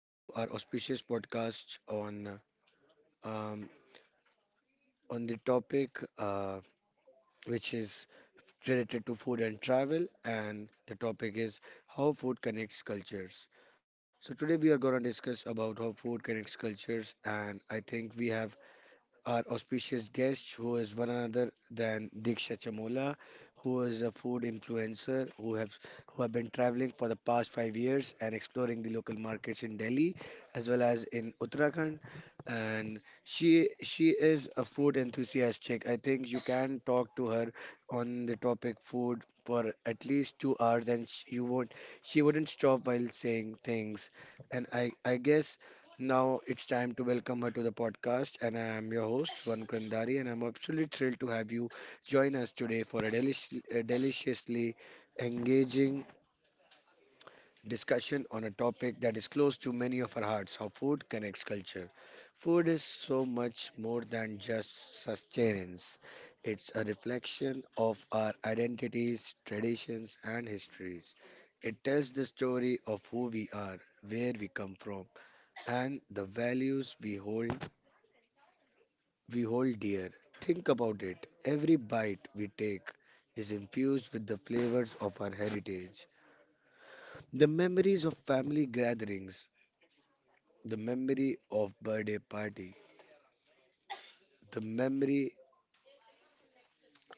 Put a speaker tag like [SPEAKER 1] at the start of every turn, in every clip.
[SPEAKER 1] to our auspicious podcast um, on the topic which is related to food and travel, and the topic is how food connects cultures. So today we are going to discuss about how food connects cultures, and I think we have our auspicious guest, who is one another than Diksha Chamola, who is a food influencer who have been traveling for the past 5 years and exploring the local markets in Delhi as well as in Uttarakhand. And she is a food enthusiast. Chick. I think you can talk to her on the topic food for at least 2 hours, and you won't she wouldn't stop while saying things. And I guess now it's time to welcome her to the podcast, and I am your host, Van Krandari, and I'm absolutely thrilled to have you join us today for a deliciously engaging discussion on a topic that is close to many of our hearts, how food connects culture. Food is so much more than just sustenance, it's a reflection of our identities, traditions, and histories. It tells the story of who we are, where we come from, and the values we hold dear. Think about it. Every bite we take is infused with the flavors of our heritage, the memories of family gatherings, the memory of birthday party, the memory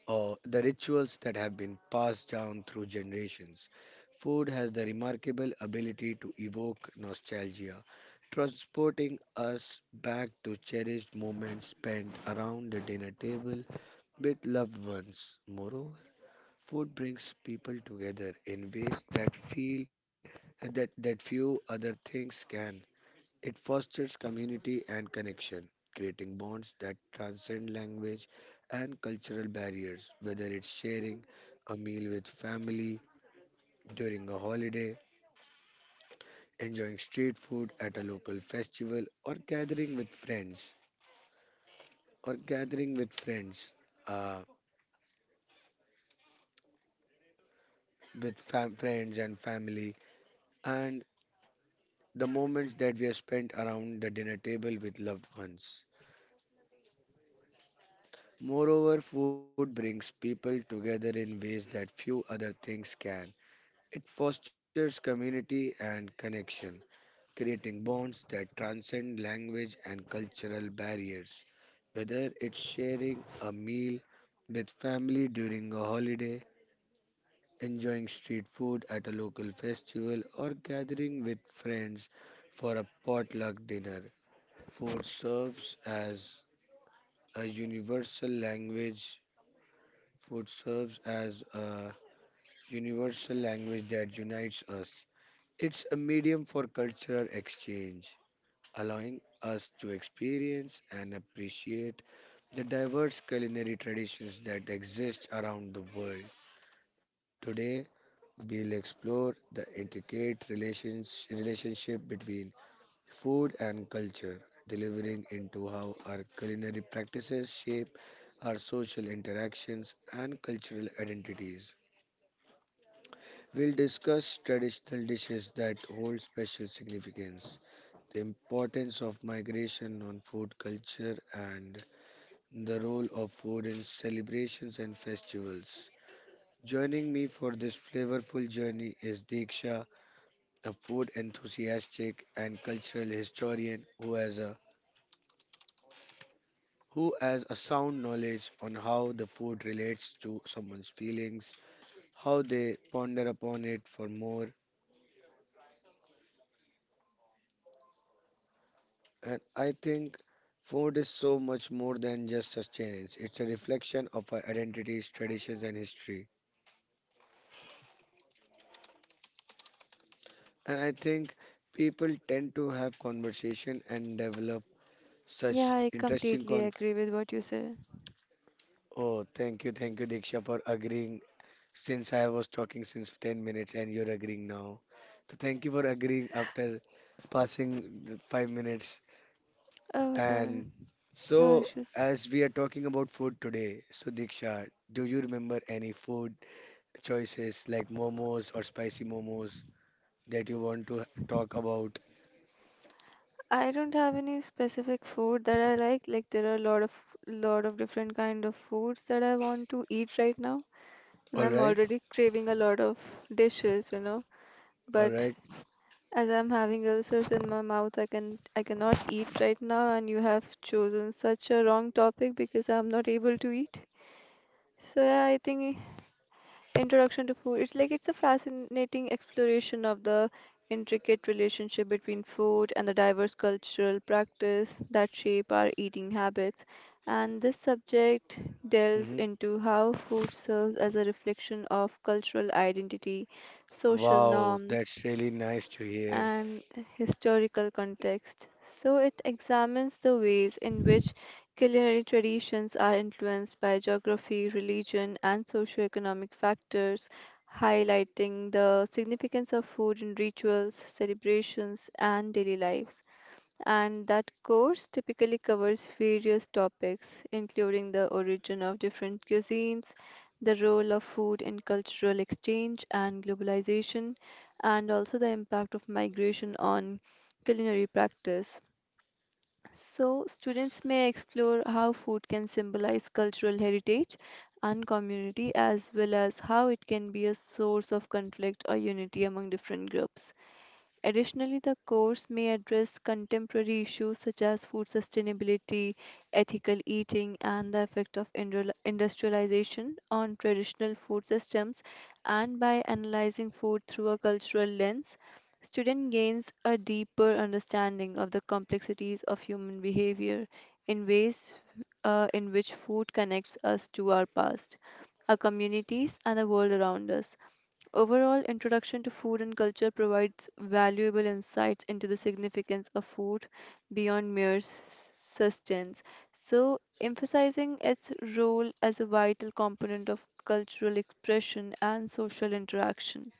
[SPEAKER 1] of the rituals that have been passed down through generations. Food has the remarkable ability to evoke nostalgia, transporting us back to cherished moments spent around the dinner table with loved ones. Moreover, food brings people together in ways that that few other things can. It fosters community and connection, creating bonds that transcend language and cultural barriers, whether it's sharing a meal with family during a holiday, enjoying street food at a local festival, or gathering with friends, uh, friends and family, and the moments that we have spent around the dinner table with loved ones. Moreover, food brings people together in ways that few other things can. It fosters community and connection, creating bonds that transcend language and cultural barriers. Whether it's sharing a meal with family during a holiday, enjoying street food at a local festival, or gathering with friends for a potluck dinner, food serves as a universal language. Food serves as a universal language that unites us. It's a medium for cultural exchange, allowing us to experience and appreciate the diverse culinary traditions that exist around the world. Today, we'll explore the relationship between food and culture, delivering into how our culinary practices shape our social interactions and cultural identities. We'll discuss traditional dishes that hold special significance, the importance of migration on food culture, and the role of food in celebrations and festivals. Joining me for this flavorful journey is Diksha, a food enthusiastic and cultural historian who has a sound knowledge on how the food relates to someone's feelings, how they ponder upon it for more. And I think food is so much more than just sustenance, it's a reflection of our identities, traditions, and history. And I think people tend to have conversation and develop
[SPEAKER 2] Yeah,
[SPEAKER 1] such
[SPEAKER 2] I
[SPEAKER 1] interesting
[SPEAKER 2] completely
[SPEAKER 1] con.
[SPEAKER 2] agree with what you said.
[SPEAKER 1] Oh, thank you, Diksha, for agreeing. Since I was talking since 10 minutes and you're agreeing now. So thank you for agreeing after passing the 5 minutes.
[SPEAKER 2] Oh no,
[SPEAKER 1] And
[SPEAKER 2] no
[SPEAKER 1] so,
[SPEAKER 2] issues.
[SPEAKER 1] as we are talking about food today, so Diksha, do you remember any food choices like momos or spicy momos that you want to talk about?
[SPEAKER 2] I don't have any specific food that I like. Like there are a lot of different kind of foods that I want to eat right now, and
[SPEAKER 1] All
[SPEAKER 2] I'm
[SPEAKER 1] right,
[SPEAKER 2] already craving a lot of dishes.
[SPEAKER 1] all
[SPEAKER 2] But
[SPEAKER 1] right.
[SPEAKER 2] as I'm having ulcers in my mouth, I cannot eat right now, and you have chosen such a wrong topic because I'm not able to eat. So yeah, I think introduction to food. It's a fascinating exploration of the intricate relationship between food and the diverse cultural practice that shape our eating habits. And this subject delves
[SPEAKER 1] Mm-hmm.
[SPEAKER 2] into how food serves as a reflection of cultural identity, social
[SPEAKER 1] Wow,
[SPEAKER 2] norms,
[SPEAKER 1] that's really nice to hear.
[SPEAKER 2] and historical context. So it examines the ways in which culinary traditions are influenced by geography, religion, and socioeconomic factors, highlighting the significance of food in rituals, celebrations, and daily lives, and that course typically covers various topics, including the origin of different cuisines, the role of food in cultural exchange and globalization, and also the impact of migration on culinary practice. So, students may explore how food can symbolize cultural heritage and community, as well as how it can be a source of conflict or unity among different groups. Additionally, the course may address contemporary issues such as food sustainability, ethical eating, and the effect of industrialization on traditional food systems. And by analyzing food through a cultural lens, student gains a deeper understanding of the complexities of human behavior in ways in which food connects us to our past, our communities, and the world around us. Overall, Introduction to Food and Culture provides valuable insights into the significance of food beyond mere sustenance, so emphasizing its role as a vital component of cultural expression and social interaction.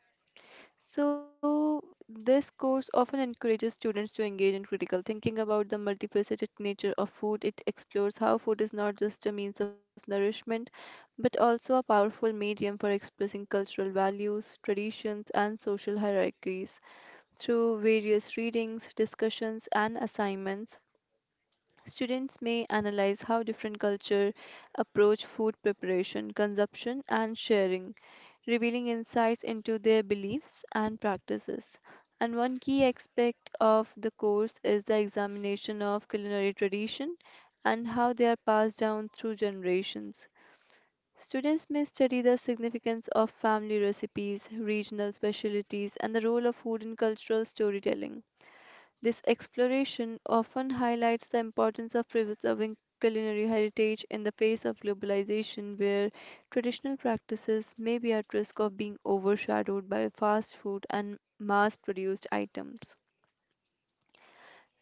[SPEAKER 2] So, this course often encourages students to engage in critical thinking about the multifaceted nature of food. It explores how food is not just a means of nourishment, but also a powerful medium for expressing cultural values, traditions, and social hierarchies through various readings, discussions, and assignments. Students may analyze how different cultures approach food preparation, consumption, and sharing, revealing insights into their beliefs and practices. And one key aspect of the course is the examination of culinary tradition and how they are passed down through generations. Students may study the significance of family recipes, regional specialties, and the role of food in cultural storytelling. This exploration often highlights the importance of preserving culinary heritage in the face of globalization, where traditional practices may be at risk of being overshadowed by fast food and mass produced items.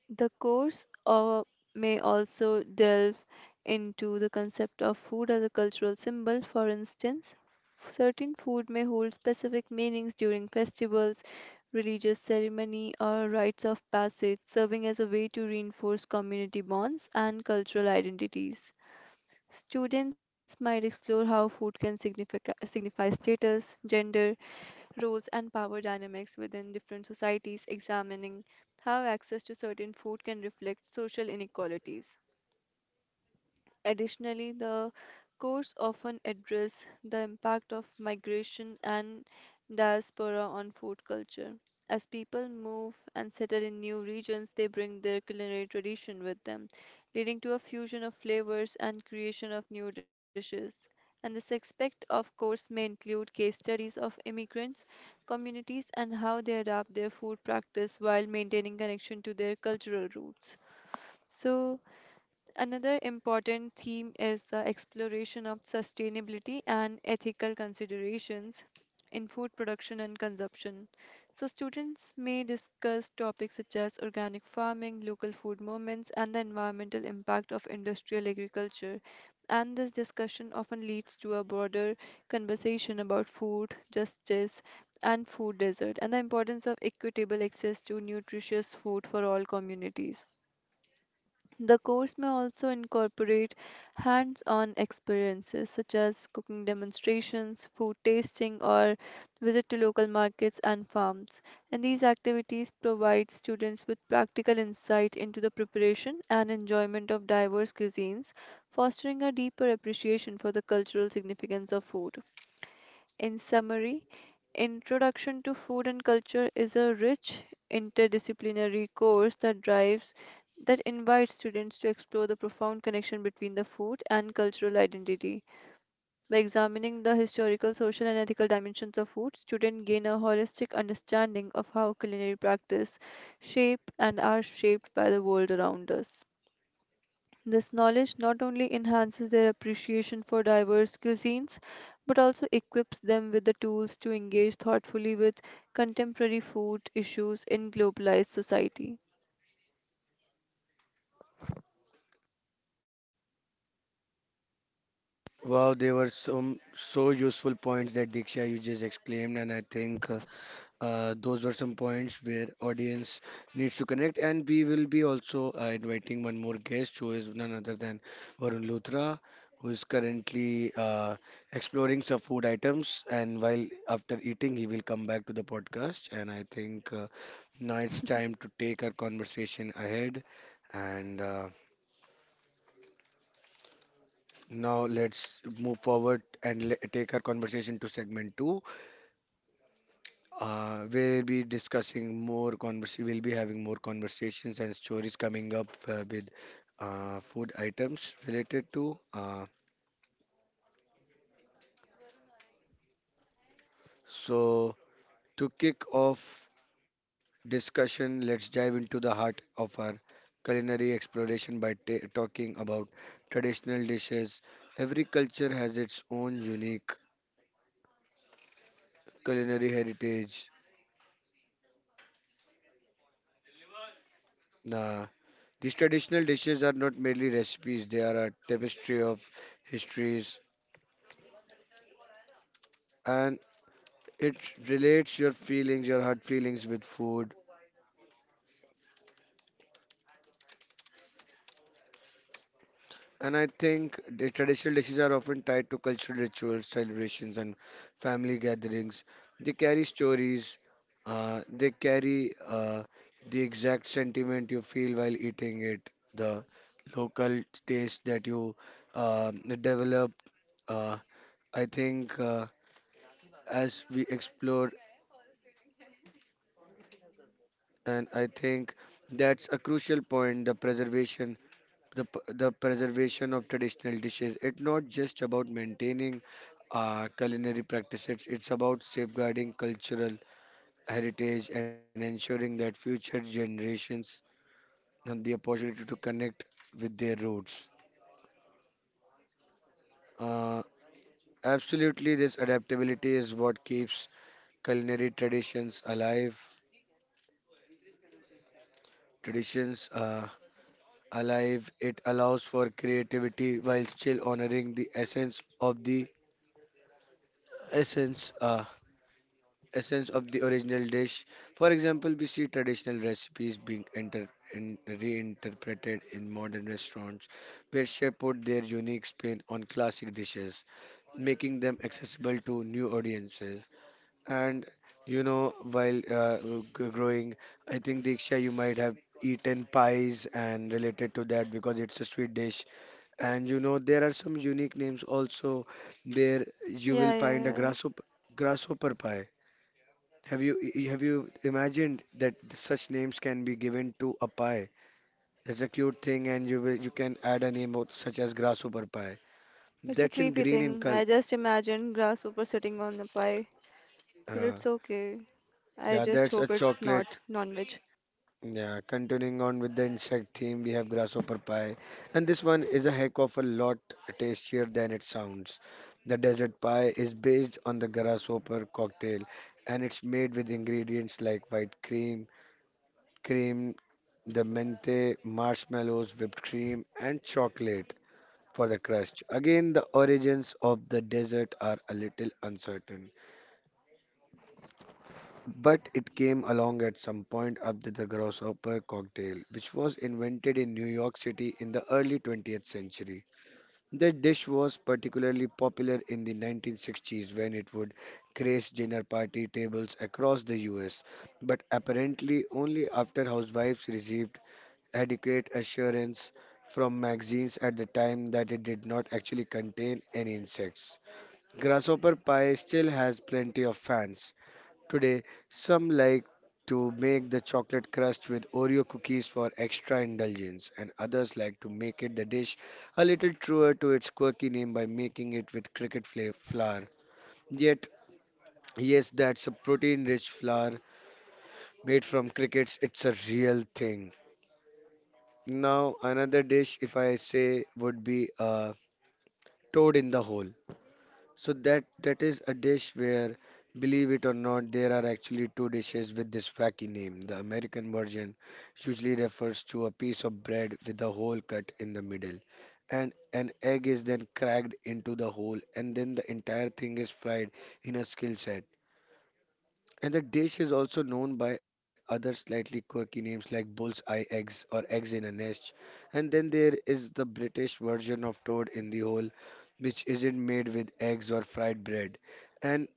[SPEAKER 2] The course may also delve into the concept of food as a cultural symbol. For instance, certain food may hold specific meanings during festivals, religious ceremony, or rites of passage, serving as a way to reinforce community bonds and cultural identities. Students might explore how food can signify status, gender, roles and power dynamics within different societies, examining how access to certain food can reflect social inequalities. Additionally, the course often address the impact of migration and diaspora on food culture. As people move and settle in new regions, they bring their culinary tradition with them, leading to a fusion of flavors and creation of new dishes. And this aspect of course may include case studies of immigrants, communities, and how they adapt their food practice while maintaining connection to their cultural roots. So, another important theme is the exploration of sustainability and ethical considerations in food production and consumption. So, students may discuss topics such as organic farming, local food movements, and the environmental impact of industrial agriculture. And this discussion often leads to a broader conversation about food, justice, and food desert, and the importance of equitable access to nutritious food for all communities. The course may also incorporate hands on experiences such as cooking demonstrations, food tasting, or visit to local markets and farms. And these activities provide students with practical insight into the preparation and enjoyment of diverse cuisines, fostering a deeper appreciation for the cultural significance of food. In summary, Introduction to Food and Culture is a rich interdisciplinary course that drives that invites students to explore the profound connection between the food and cultural identity. By examining the historical, social, and ethical dimensions of food, students gain a holistic understanding of how culinary practice shape and are shaped by the world around us. This knowledge not only enhances their appreciation for diverse cuisines, but also equips them with the tools to engage thoughtfully with contemporary food issues in globalized society.
[SPEAKER 1] Wow, there were some so useful points that Diksha you just exclaimed, and I think. Those were some points where audience needs to connect, and we will be also inviting one more guest who is none other than Varun Luthra, who is currently exploring some food items. And while after eating, he will come back to the podcast. And I think now it's time to take our conversation ahead. And now let's move forward and take our conversation to segment two. We'll be discussing more convers we'll be having more conversations and stories coming up with food items related to so to kick off discussion. Let's dive into the heart of our culinary exploration by ta talking about traditional dishes. Every culture has its own unique culinary heritage. uh, these traditional dishes are not merely recipes, they are a tapestry of histories, and it relates your feelings, your heart feelings with food. And I think the traditional dishes are often tied to cultural rituals, celebrations, and family gatherings. They carry stories, uh, they carry uh, the exact sentiment you feel while eating it, the local taste that you uh, develop. Uh, I think as we explore, and I think that's a crucial point. The preservation, the preservation of traditional dishes, it's not just about maintaining culinary practices, it's about safeguarding cultural heritage and ensuring that future generations have the opportunity to connect with their roots. uh, Absolutely, this adaptability is what keeps culinary traditions alive, traditions alive. It allows for creativity while still honoring the essence of the essence Uh, essence of the original dish. For example, we see traditional recipes being reinterpreted in modern restaurants, where chefs put their unique spin on classic dishes, making them accessible to new audiences. And you know, while growing, I think Diksha, you might have eaten pies and related to that because it's a sweet dish. And you know, there are some unique names also. There you
[SPEAKER 2] Yeah,
[SPEAKER 1] will find
[SPEAKER 2] yeah,
[SPEAKER 1] a
[SPEAKER 2] yeah.
[SPEAKER 1] grasshopper pie. Have you imagined that such names can be given to a pie? That's a cute thing, and you can add a name of, such as grasshopper pie.
[SPEAKER 2] It's a
[SPEAKER 1] That's in
[SPEAKER 2] creepy
[SPEAKER 1] green in
[SPEAKER 2] thing.
[SPEAKER 1] color.
[SPEAKER 2] I just imagined grasshopper sitting on the pie, but
[SPEAKER 1] Uh,
[SPEAKER 2] it's okay. I
[SPEAKER 1] yeah,
[SPEAKER 2] just
[SPEAKER 1] that's a
[SPEAKER 2] hope it's
[SPEAKER 1] chocolate.
[SPEAKER 2] not non-veg.
[SPEAKER 1] Yeah, continuing on with the insect theme, we have grasshopper pie, and this one is a heck of a lot tastier than it sounds. The desert pie is based on the grasshopper cocktail, and it's made with ingredients like cream, the mente, marshmallows, whipped cream, and chocolate for the crust. Again, the origins of the dessert are a little uncertain, but it came along at some point after the grasshopper cocktail, which was invented in New York City in the early 20th century. The dish was particularly popular in the 1960s when it would grace dinner party tables across the US, but apparently only after housewives received adequate assurance from magazines at the time that it did not actually contain any insects. Grasshopper pie still has plenty of fans. Today, some like to make the chocolate crust with Oreo cookies for extra indulgence, and others like to make it the dish a little truer to its quirky name by making it with flour. Yet, yes, that's a protein rich flour made from crickets, it's a real thing. Now another dish, if I say, would be toad in the hole. So that is a dish where, believe it or not, there are actually two dishes with this wacky name. The American version usually refers to a piece of bread with a hole cut in the middle, and an egg is then cracked into the hole, and then the entire thing is fried in a skill set. And the dish is also known by other slightly quirky names like bull's eye eggs or eggs in a nest. And then there is the British version of toad in the hole, which isn't made with eggs or fried bread. And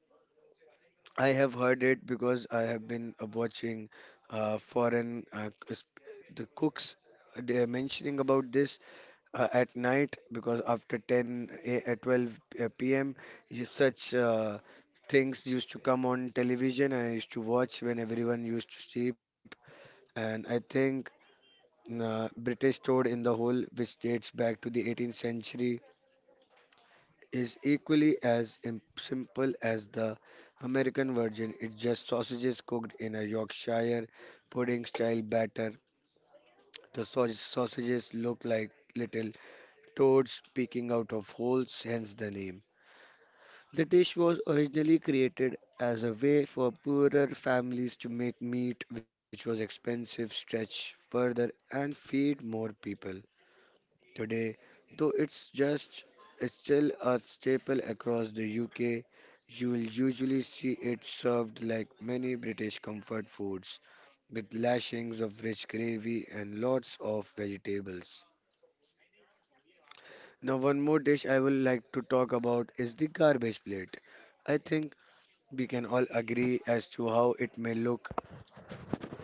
[SPEAKER 1] I have heard it because I have been watching uh, foreign uh, c- sp- the cooks they are mentioning about this at night because after at 12 p.m. you- such things used to come on television and I used to watch when everyone used to sleep. And I think British Toad in the Hole, which dates back to the 18th century, is equally as simple as the American version. It's just sausages cooked in a Yorkshire pudding style batter. The sausages look like little toads peeking out of holes, hence the name. The dish was originally created as a way for poorer families to make meat, which was expensive, stretch further, and feed more people. Today, though it's just it's still a staple across the UK. You will usually see it served like many British comfort foods, with lashings of rich gravy and lots of vegetables. Now, one more dish I would like to talk about is the garbage plate. I think we can all agree as to how it may look,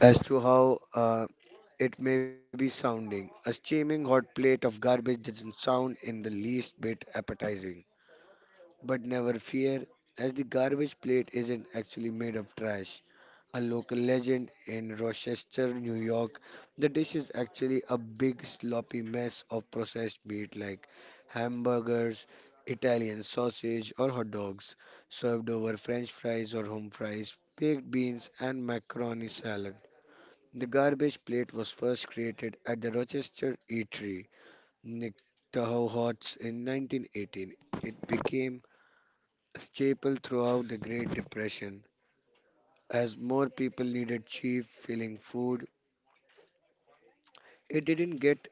[SPEAKER 1] as to how it may be sounding. A steaming hot plate of garbage doesn't sound in the least bit appetizing. But never fear, as the garbage plate isn't actually made of trash. A local legend in Rochester, New York, the dish is actually a big sloppy mess of processed meat like hamburgers, Italian sausage, or hot dogs, served over French fries or home fries, baked beans, and macaroni salad. The garbage plate was first created at the Rochester Eatery, Nick Tahoe Hots, in 1918. It became staple throughout the Great Depression. As more people needed cheap, filling food, it didn't get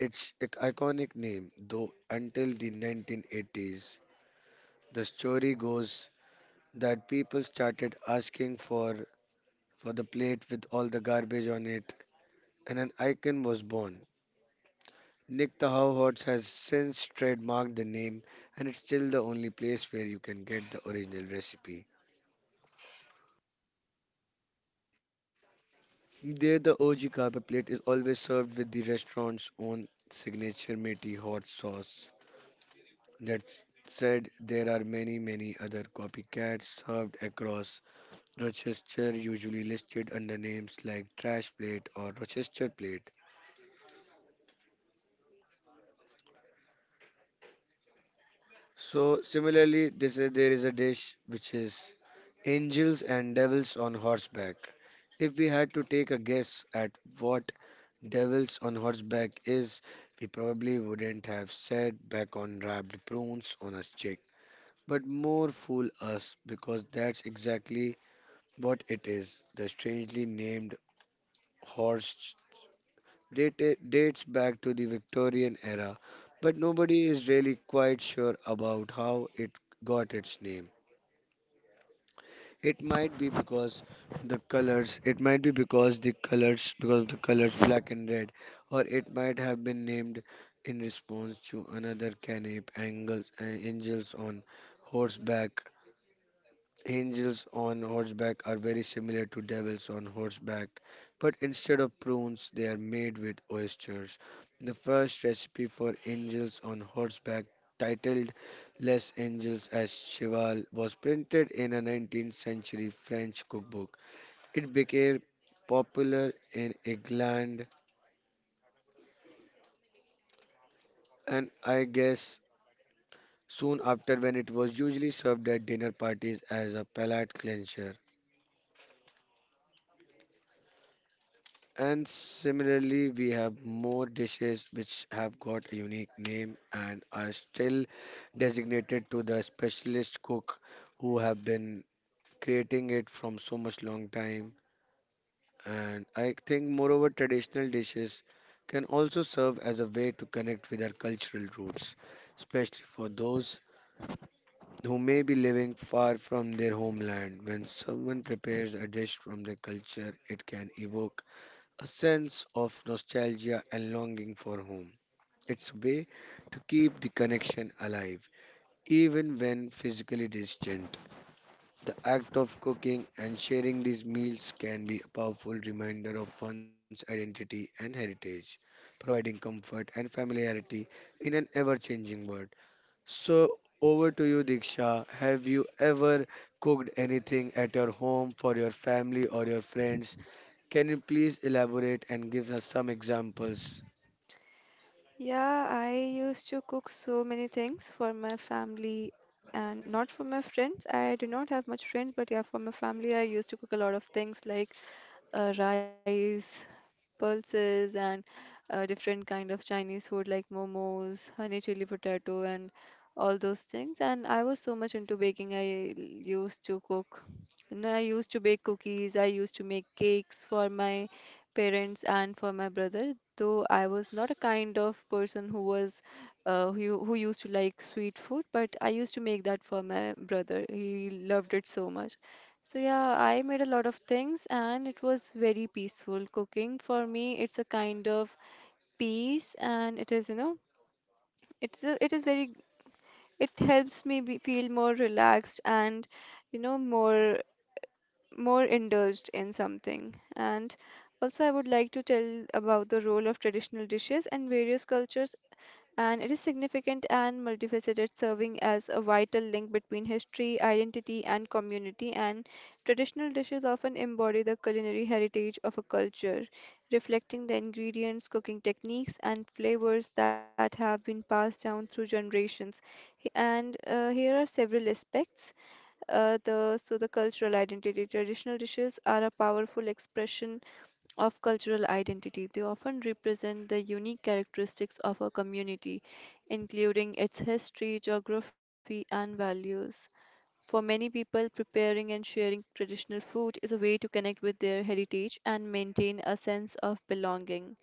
[SPEAKER 1] its iconic name, though, until the 1980s. The story goes that people started asking for the plate with all the garbage on it, and an icon was born. Nick the Howhorse has since trademarked the name, and it's still the only place where you can get the original recipe. There, the OG carpet plate is always served with the restaurant's own signature meaty hot sauce. That said, there are many, many other copycats served across Rochester, usually listed under names like trash plate or Rochester plate. So similarly, there is a dish which is angels and devils on horseback. If we had to take a guess at what devils on horseback is, we probably wouldn't have said back on wrapped prunes on a stick, but more fool us because that's exactly what it is. The strangely named horse dates back to the Victorian era, but nobody is really quite sure about how it got its name. It might be because the colors, because of the colors black and red, or it might have been named in response to another canap angels on horseback. Angels on horseback are very similar to devils on horseback, but instead of prunes, they are made with oysters. The first recipe for angels on horseback, titled Les Angels as Cheval, was printed in a 19th century French cookbook. It became popular in England and, I guess, soon after, when it was usually served at dinner parties as a palate cleanser. And similarly, we have more dishes which have got a unique name and are still designated to the specialist cook who have been creating it from so much long time. And I think, moreover, traditional dishes can also serve as a way to connect with our cultural roots, especially for those who may be living far from their homeland. When someone prepares a dish from their culture, it can evoke a sense of nostalgia and longing for home. It's a way to keep the connection alive, even when physically distant. The act of cooking and sharing these meals can be a powerful reminder of one's identity and heritage, providing comfort and familiarity in an ever changing world. So, over to you, Diksha. Have you ever cooked anything at your home for your family or your friends? Can you please elaborate and give us some examples?
[SPEAKER 2] Yeah, I used to cook so many things for my family and not for my friends. I do not have much friends, but yeah, for my family, I used to cook a lot of things like rice, pulses, and different kind of Chinese food like momos, honey chili potato, and all those things. And I was so much into baking. I l- used to cook. You know, I used to bake cookies. I used to make cakes for my parents and for my brother. Though I was not a kind of person who was who used to like sweet food, but I used to make that for my brother. He loved it so much. So yeah, I made a lot of things and it was very peaceful. Cooking for me, it's a kind of peace and it is very it helps me be, feel more relaxed and more indulged in something. And also I would like to tell about the role of traditional dishes and various cultures and it is significant and multifaceted, serving as a vital link between history, identity, and community. And traditional dishes often embody the culinary heritage of a culture, reflecting the ingredients, cooking techniques, and flavors that have been passed down through generations. And here are several aspects. The cultural identity. Traditional dishes are a powerful expression of cultural identity. They often represent the unique characteristics of a community, including its history, geography, and values. For many people, preparing and sharing traditional food is a way to connect with their heritage and maintain a sense of belonging.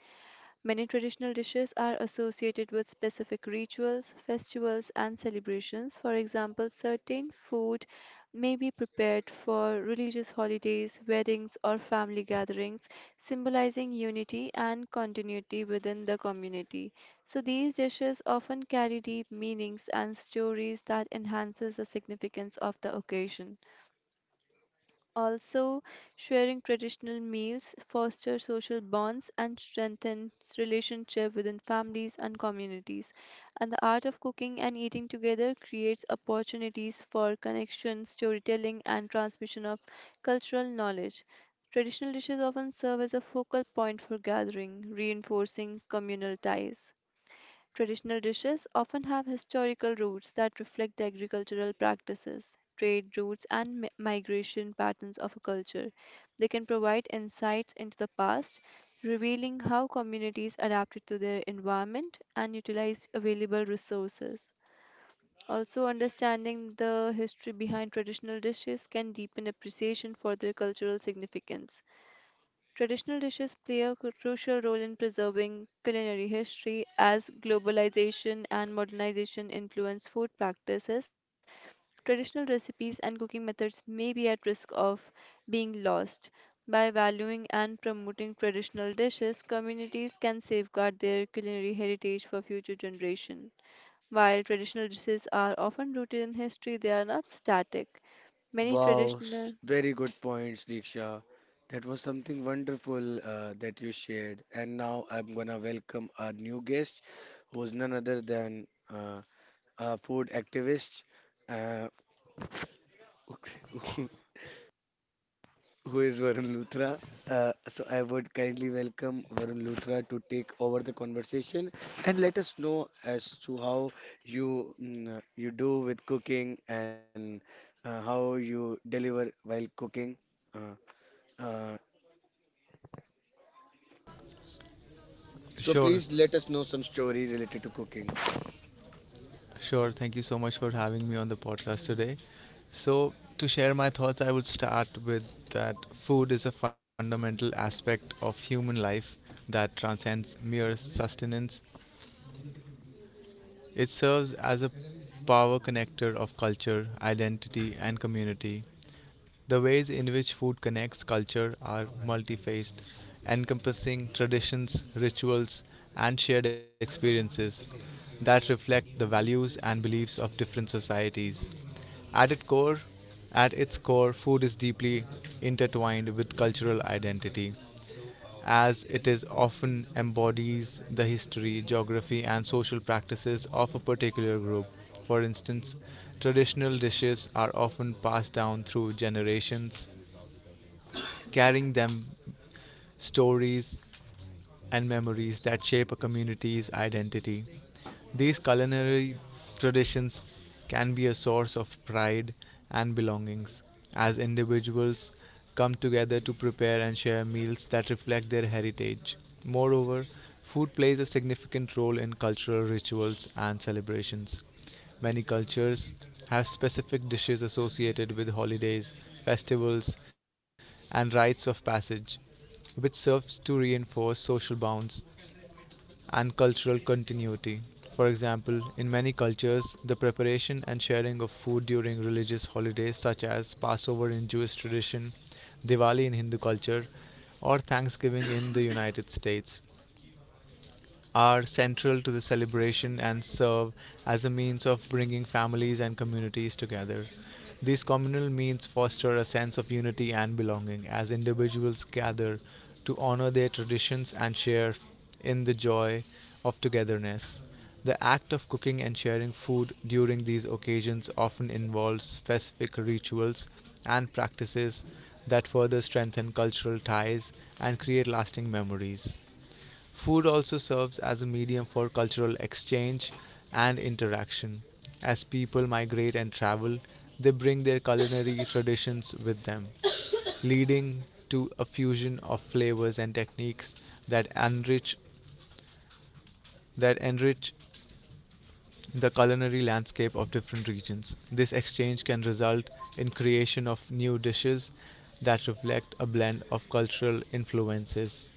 [SPEAKER 2] Many traditional dishes are associated with specific rituals, festivals, and celebrations. For example, certain food may be prepared for religious holidays, weddings, or family gatherings, symbolizing unity and continuity within the community. So these dishes often carry deep meanings and stories that enhances the significance of the occasion. Also, sharing traditional meals foster social bonds and strengthens relationship within families and communities. And the art of cooking and eating together creates opportunities for connection, storytelling, and transmission of cultural knowledge. Traditional dishes often serve as a focal point for gathering, reinforcing communal ties. Traditional dishes often have historical roots that reflect the agricultural practices, trade routes, and migration patterns of a culture. They can provide insights into the past, revealing how communities adapted to their environment and utilized available resources. Also, understanding the history behind traditional dishes can deepen appreciation for their cultural significance. Traditional dishes play a crucial role in preserving culinary history as globalization and modernization influence food practices. Traditional recipes and cooking methods may be at risk of being lost. By valuing and promoting traditional dishes, communities can safeguard their culinary heritage for future generations. While traditional dishes are often rooted in history, they are not static. Many
[SPEAKER 1] Wow,
[SPEAKER 2] traditional
[SPEAKER 1] very good points, Diksha. That was something wonderful that you shared. And now I'm gonna welcome our new guest, who's none other than a food activist, uh, who is Varun Luthra. So I would kindly welcome Varun Luthra to take over the conversation and let us know as to how you you do with cooking and how you deliver while cooking. Uh, uh, so
[SPEAKER 3] Sure,
[SPEAKER 1] please let us know some story related to cooking.
[SPEAKER 3] sure. Thank you so much for having me on the podcast today. So, to share my thoughts, I would start with that food is a fundamental aspect of human life that transcends mere sustenance. It serves as a power connector of culture, identity, and community. The ways in which food connects culture are multifaced, encompassing traditions, rituals, and shared experiences that reflect the values and beliefs of different societies. At its core, at its core, food is deeply intertwined with cultural identity as it is often embodies the history, geography, and social practices of a particular group. For instance, traditional dishes are often passed down through generations, carrying them stories and memories that shape a community's identity. These culinary traditions can be a source of pride and belongings as individuals come together to prepare and share meals that reflect their heritage. Moreover, food plays a significant role in cultural rituals and celebrations. Many cultures have specific dishes associated with holidays, festivals, and rites of passage which serves to reinforce social bonds and cultural continuity. For example, in many cultures, the preparation and sharing of food during religious holidays such as Passover in Jewish tradition, Diwali in Hindu culture, or Thanksgiving in the United States are central to the celebration and serve as a means of bringing families and communities together. These communal meals foster a sense of unity and belonging as individuals gather to honor their traditions and share in the joy of togetherness. The act of cooking and sharing food during these occasions often involves specific rituals and practices that further strengthen cultural ties and create lasting memories. Food also serves as a medium for cultural exchange and interaction. As people migrate and travel, they bring their culinary traditions with them, leading to a fusion of flavors and techniques that enrich that enrich the culinary landscape of different regions. This exchange can result in creation of new dishes that reflect a blend of cultural influences.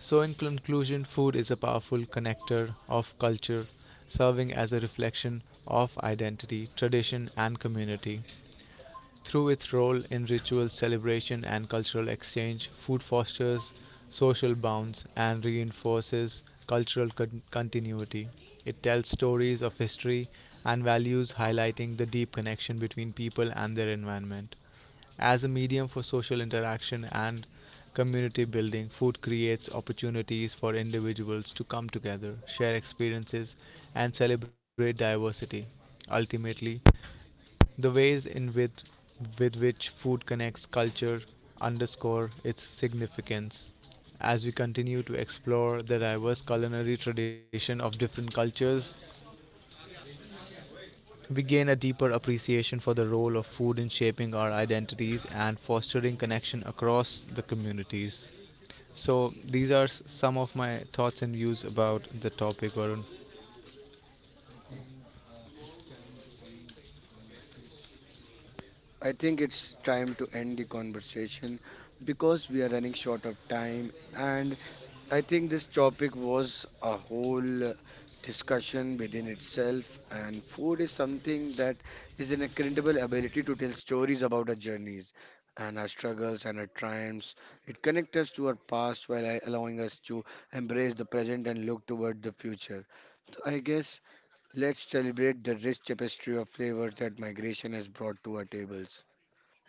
[SPEAKER 3] So, in conclusion, food is a powerful connector of culture, serving as a reflection of identity, tradition, and community. Through its role in ritual celebration and cultural exchange, food fosters social bonds and reinforces cultural continuity. It tells stories of history and values, highlighting the deep connection between people and their environment. As a medium for social interaction and community building, food creates opportunities for individuals to come together, share experiences, and celebrate diversity. Ultimately, the ways with which food connects culture underscore its significance. As we continue to explore the diverse culinary tradition of different cultures, we gain a deeper appreciation for the role of food in shaping our identities and fostering connection across the communities. So, these are some of my thoughts and views about the topic, Varun.
[SPEAKER 1] I think it's time to end the conversation because we are running short of time, and I think this topic was a whole discussion within itself, and food is something that is an incredible ability to tell stories about our journeys and our struggles and our triumphs. It connects us to our past while allowing us to embrace the present and look toward the future. So I guess let's celebrate the rich tapestry of flavors that migration has brought to our tables.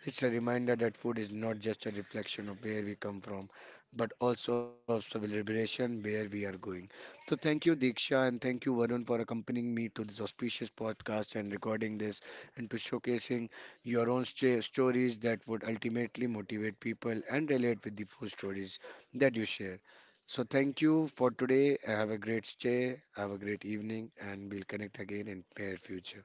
[SPEAKER 1] It's a reminder that food is not just a reflection of where we come from, but also of celebration where we are going. So thank you, Diksha, and thank you, Varun, for accompanying me to this auspicious podcast and recording this and to showcasing your own stories that would ultimately motivate people and relate with the food stories that you share. So thank you for today. Have a great stay, have a great evening, and we'll connect again in near future.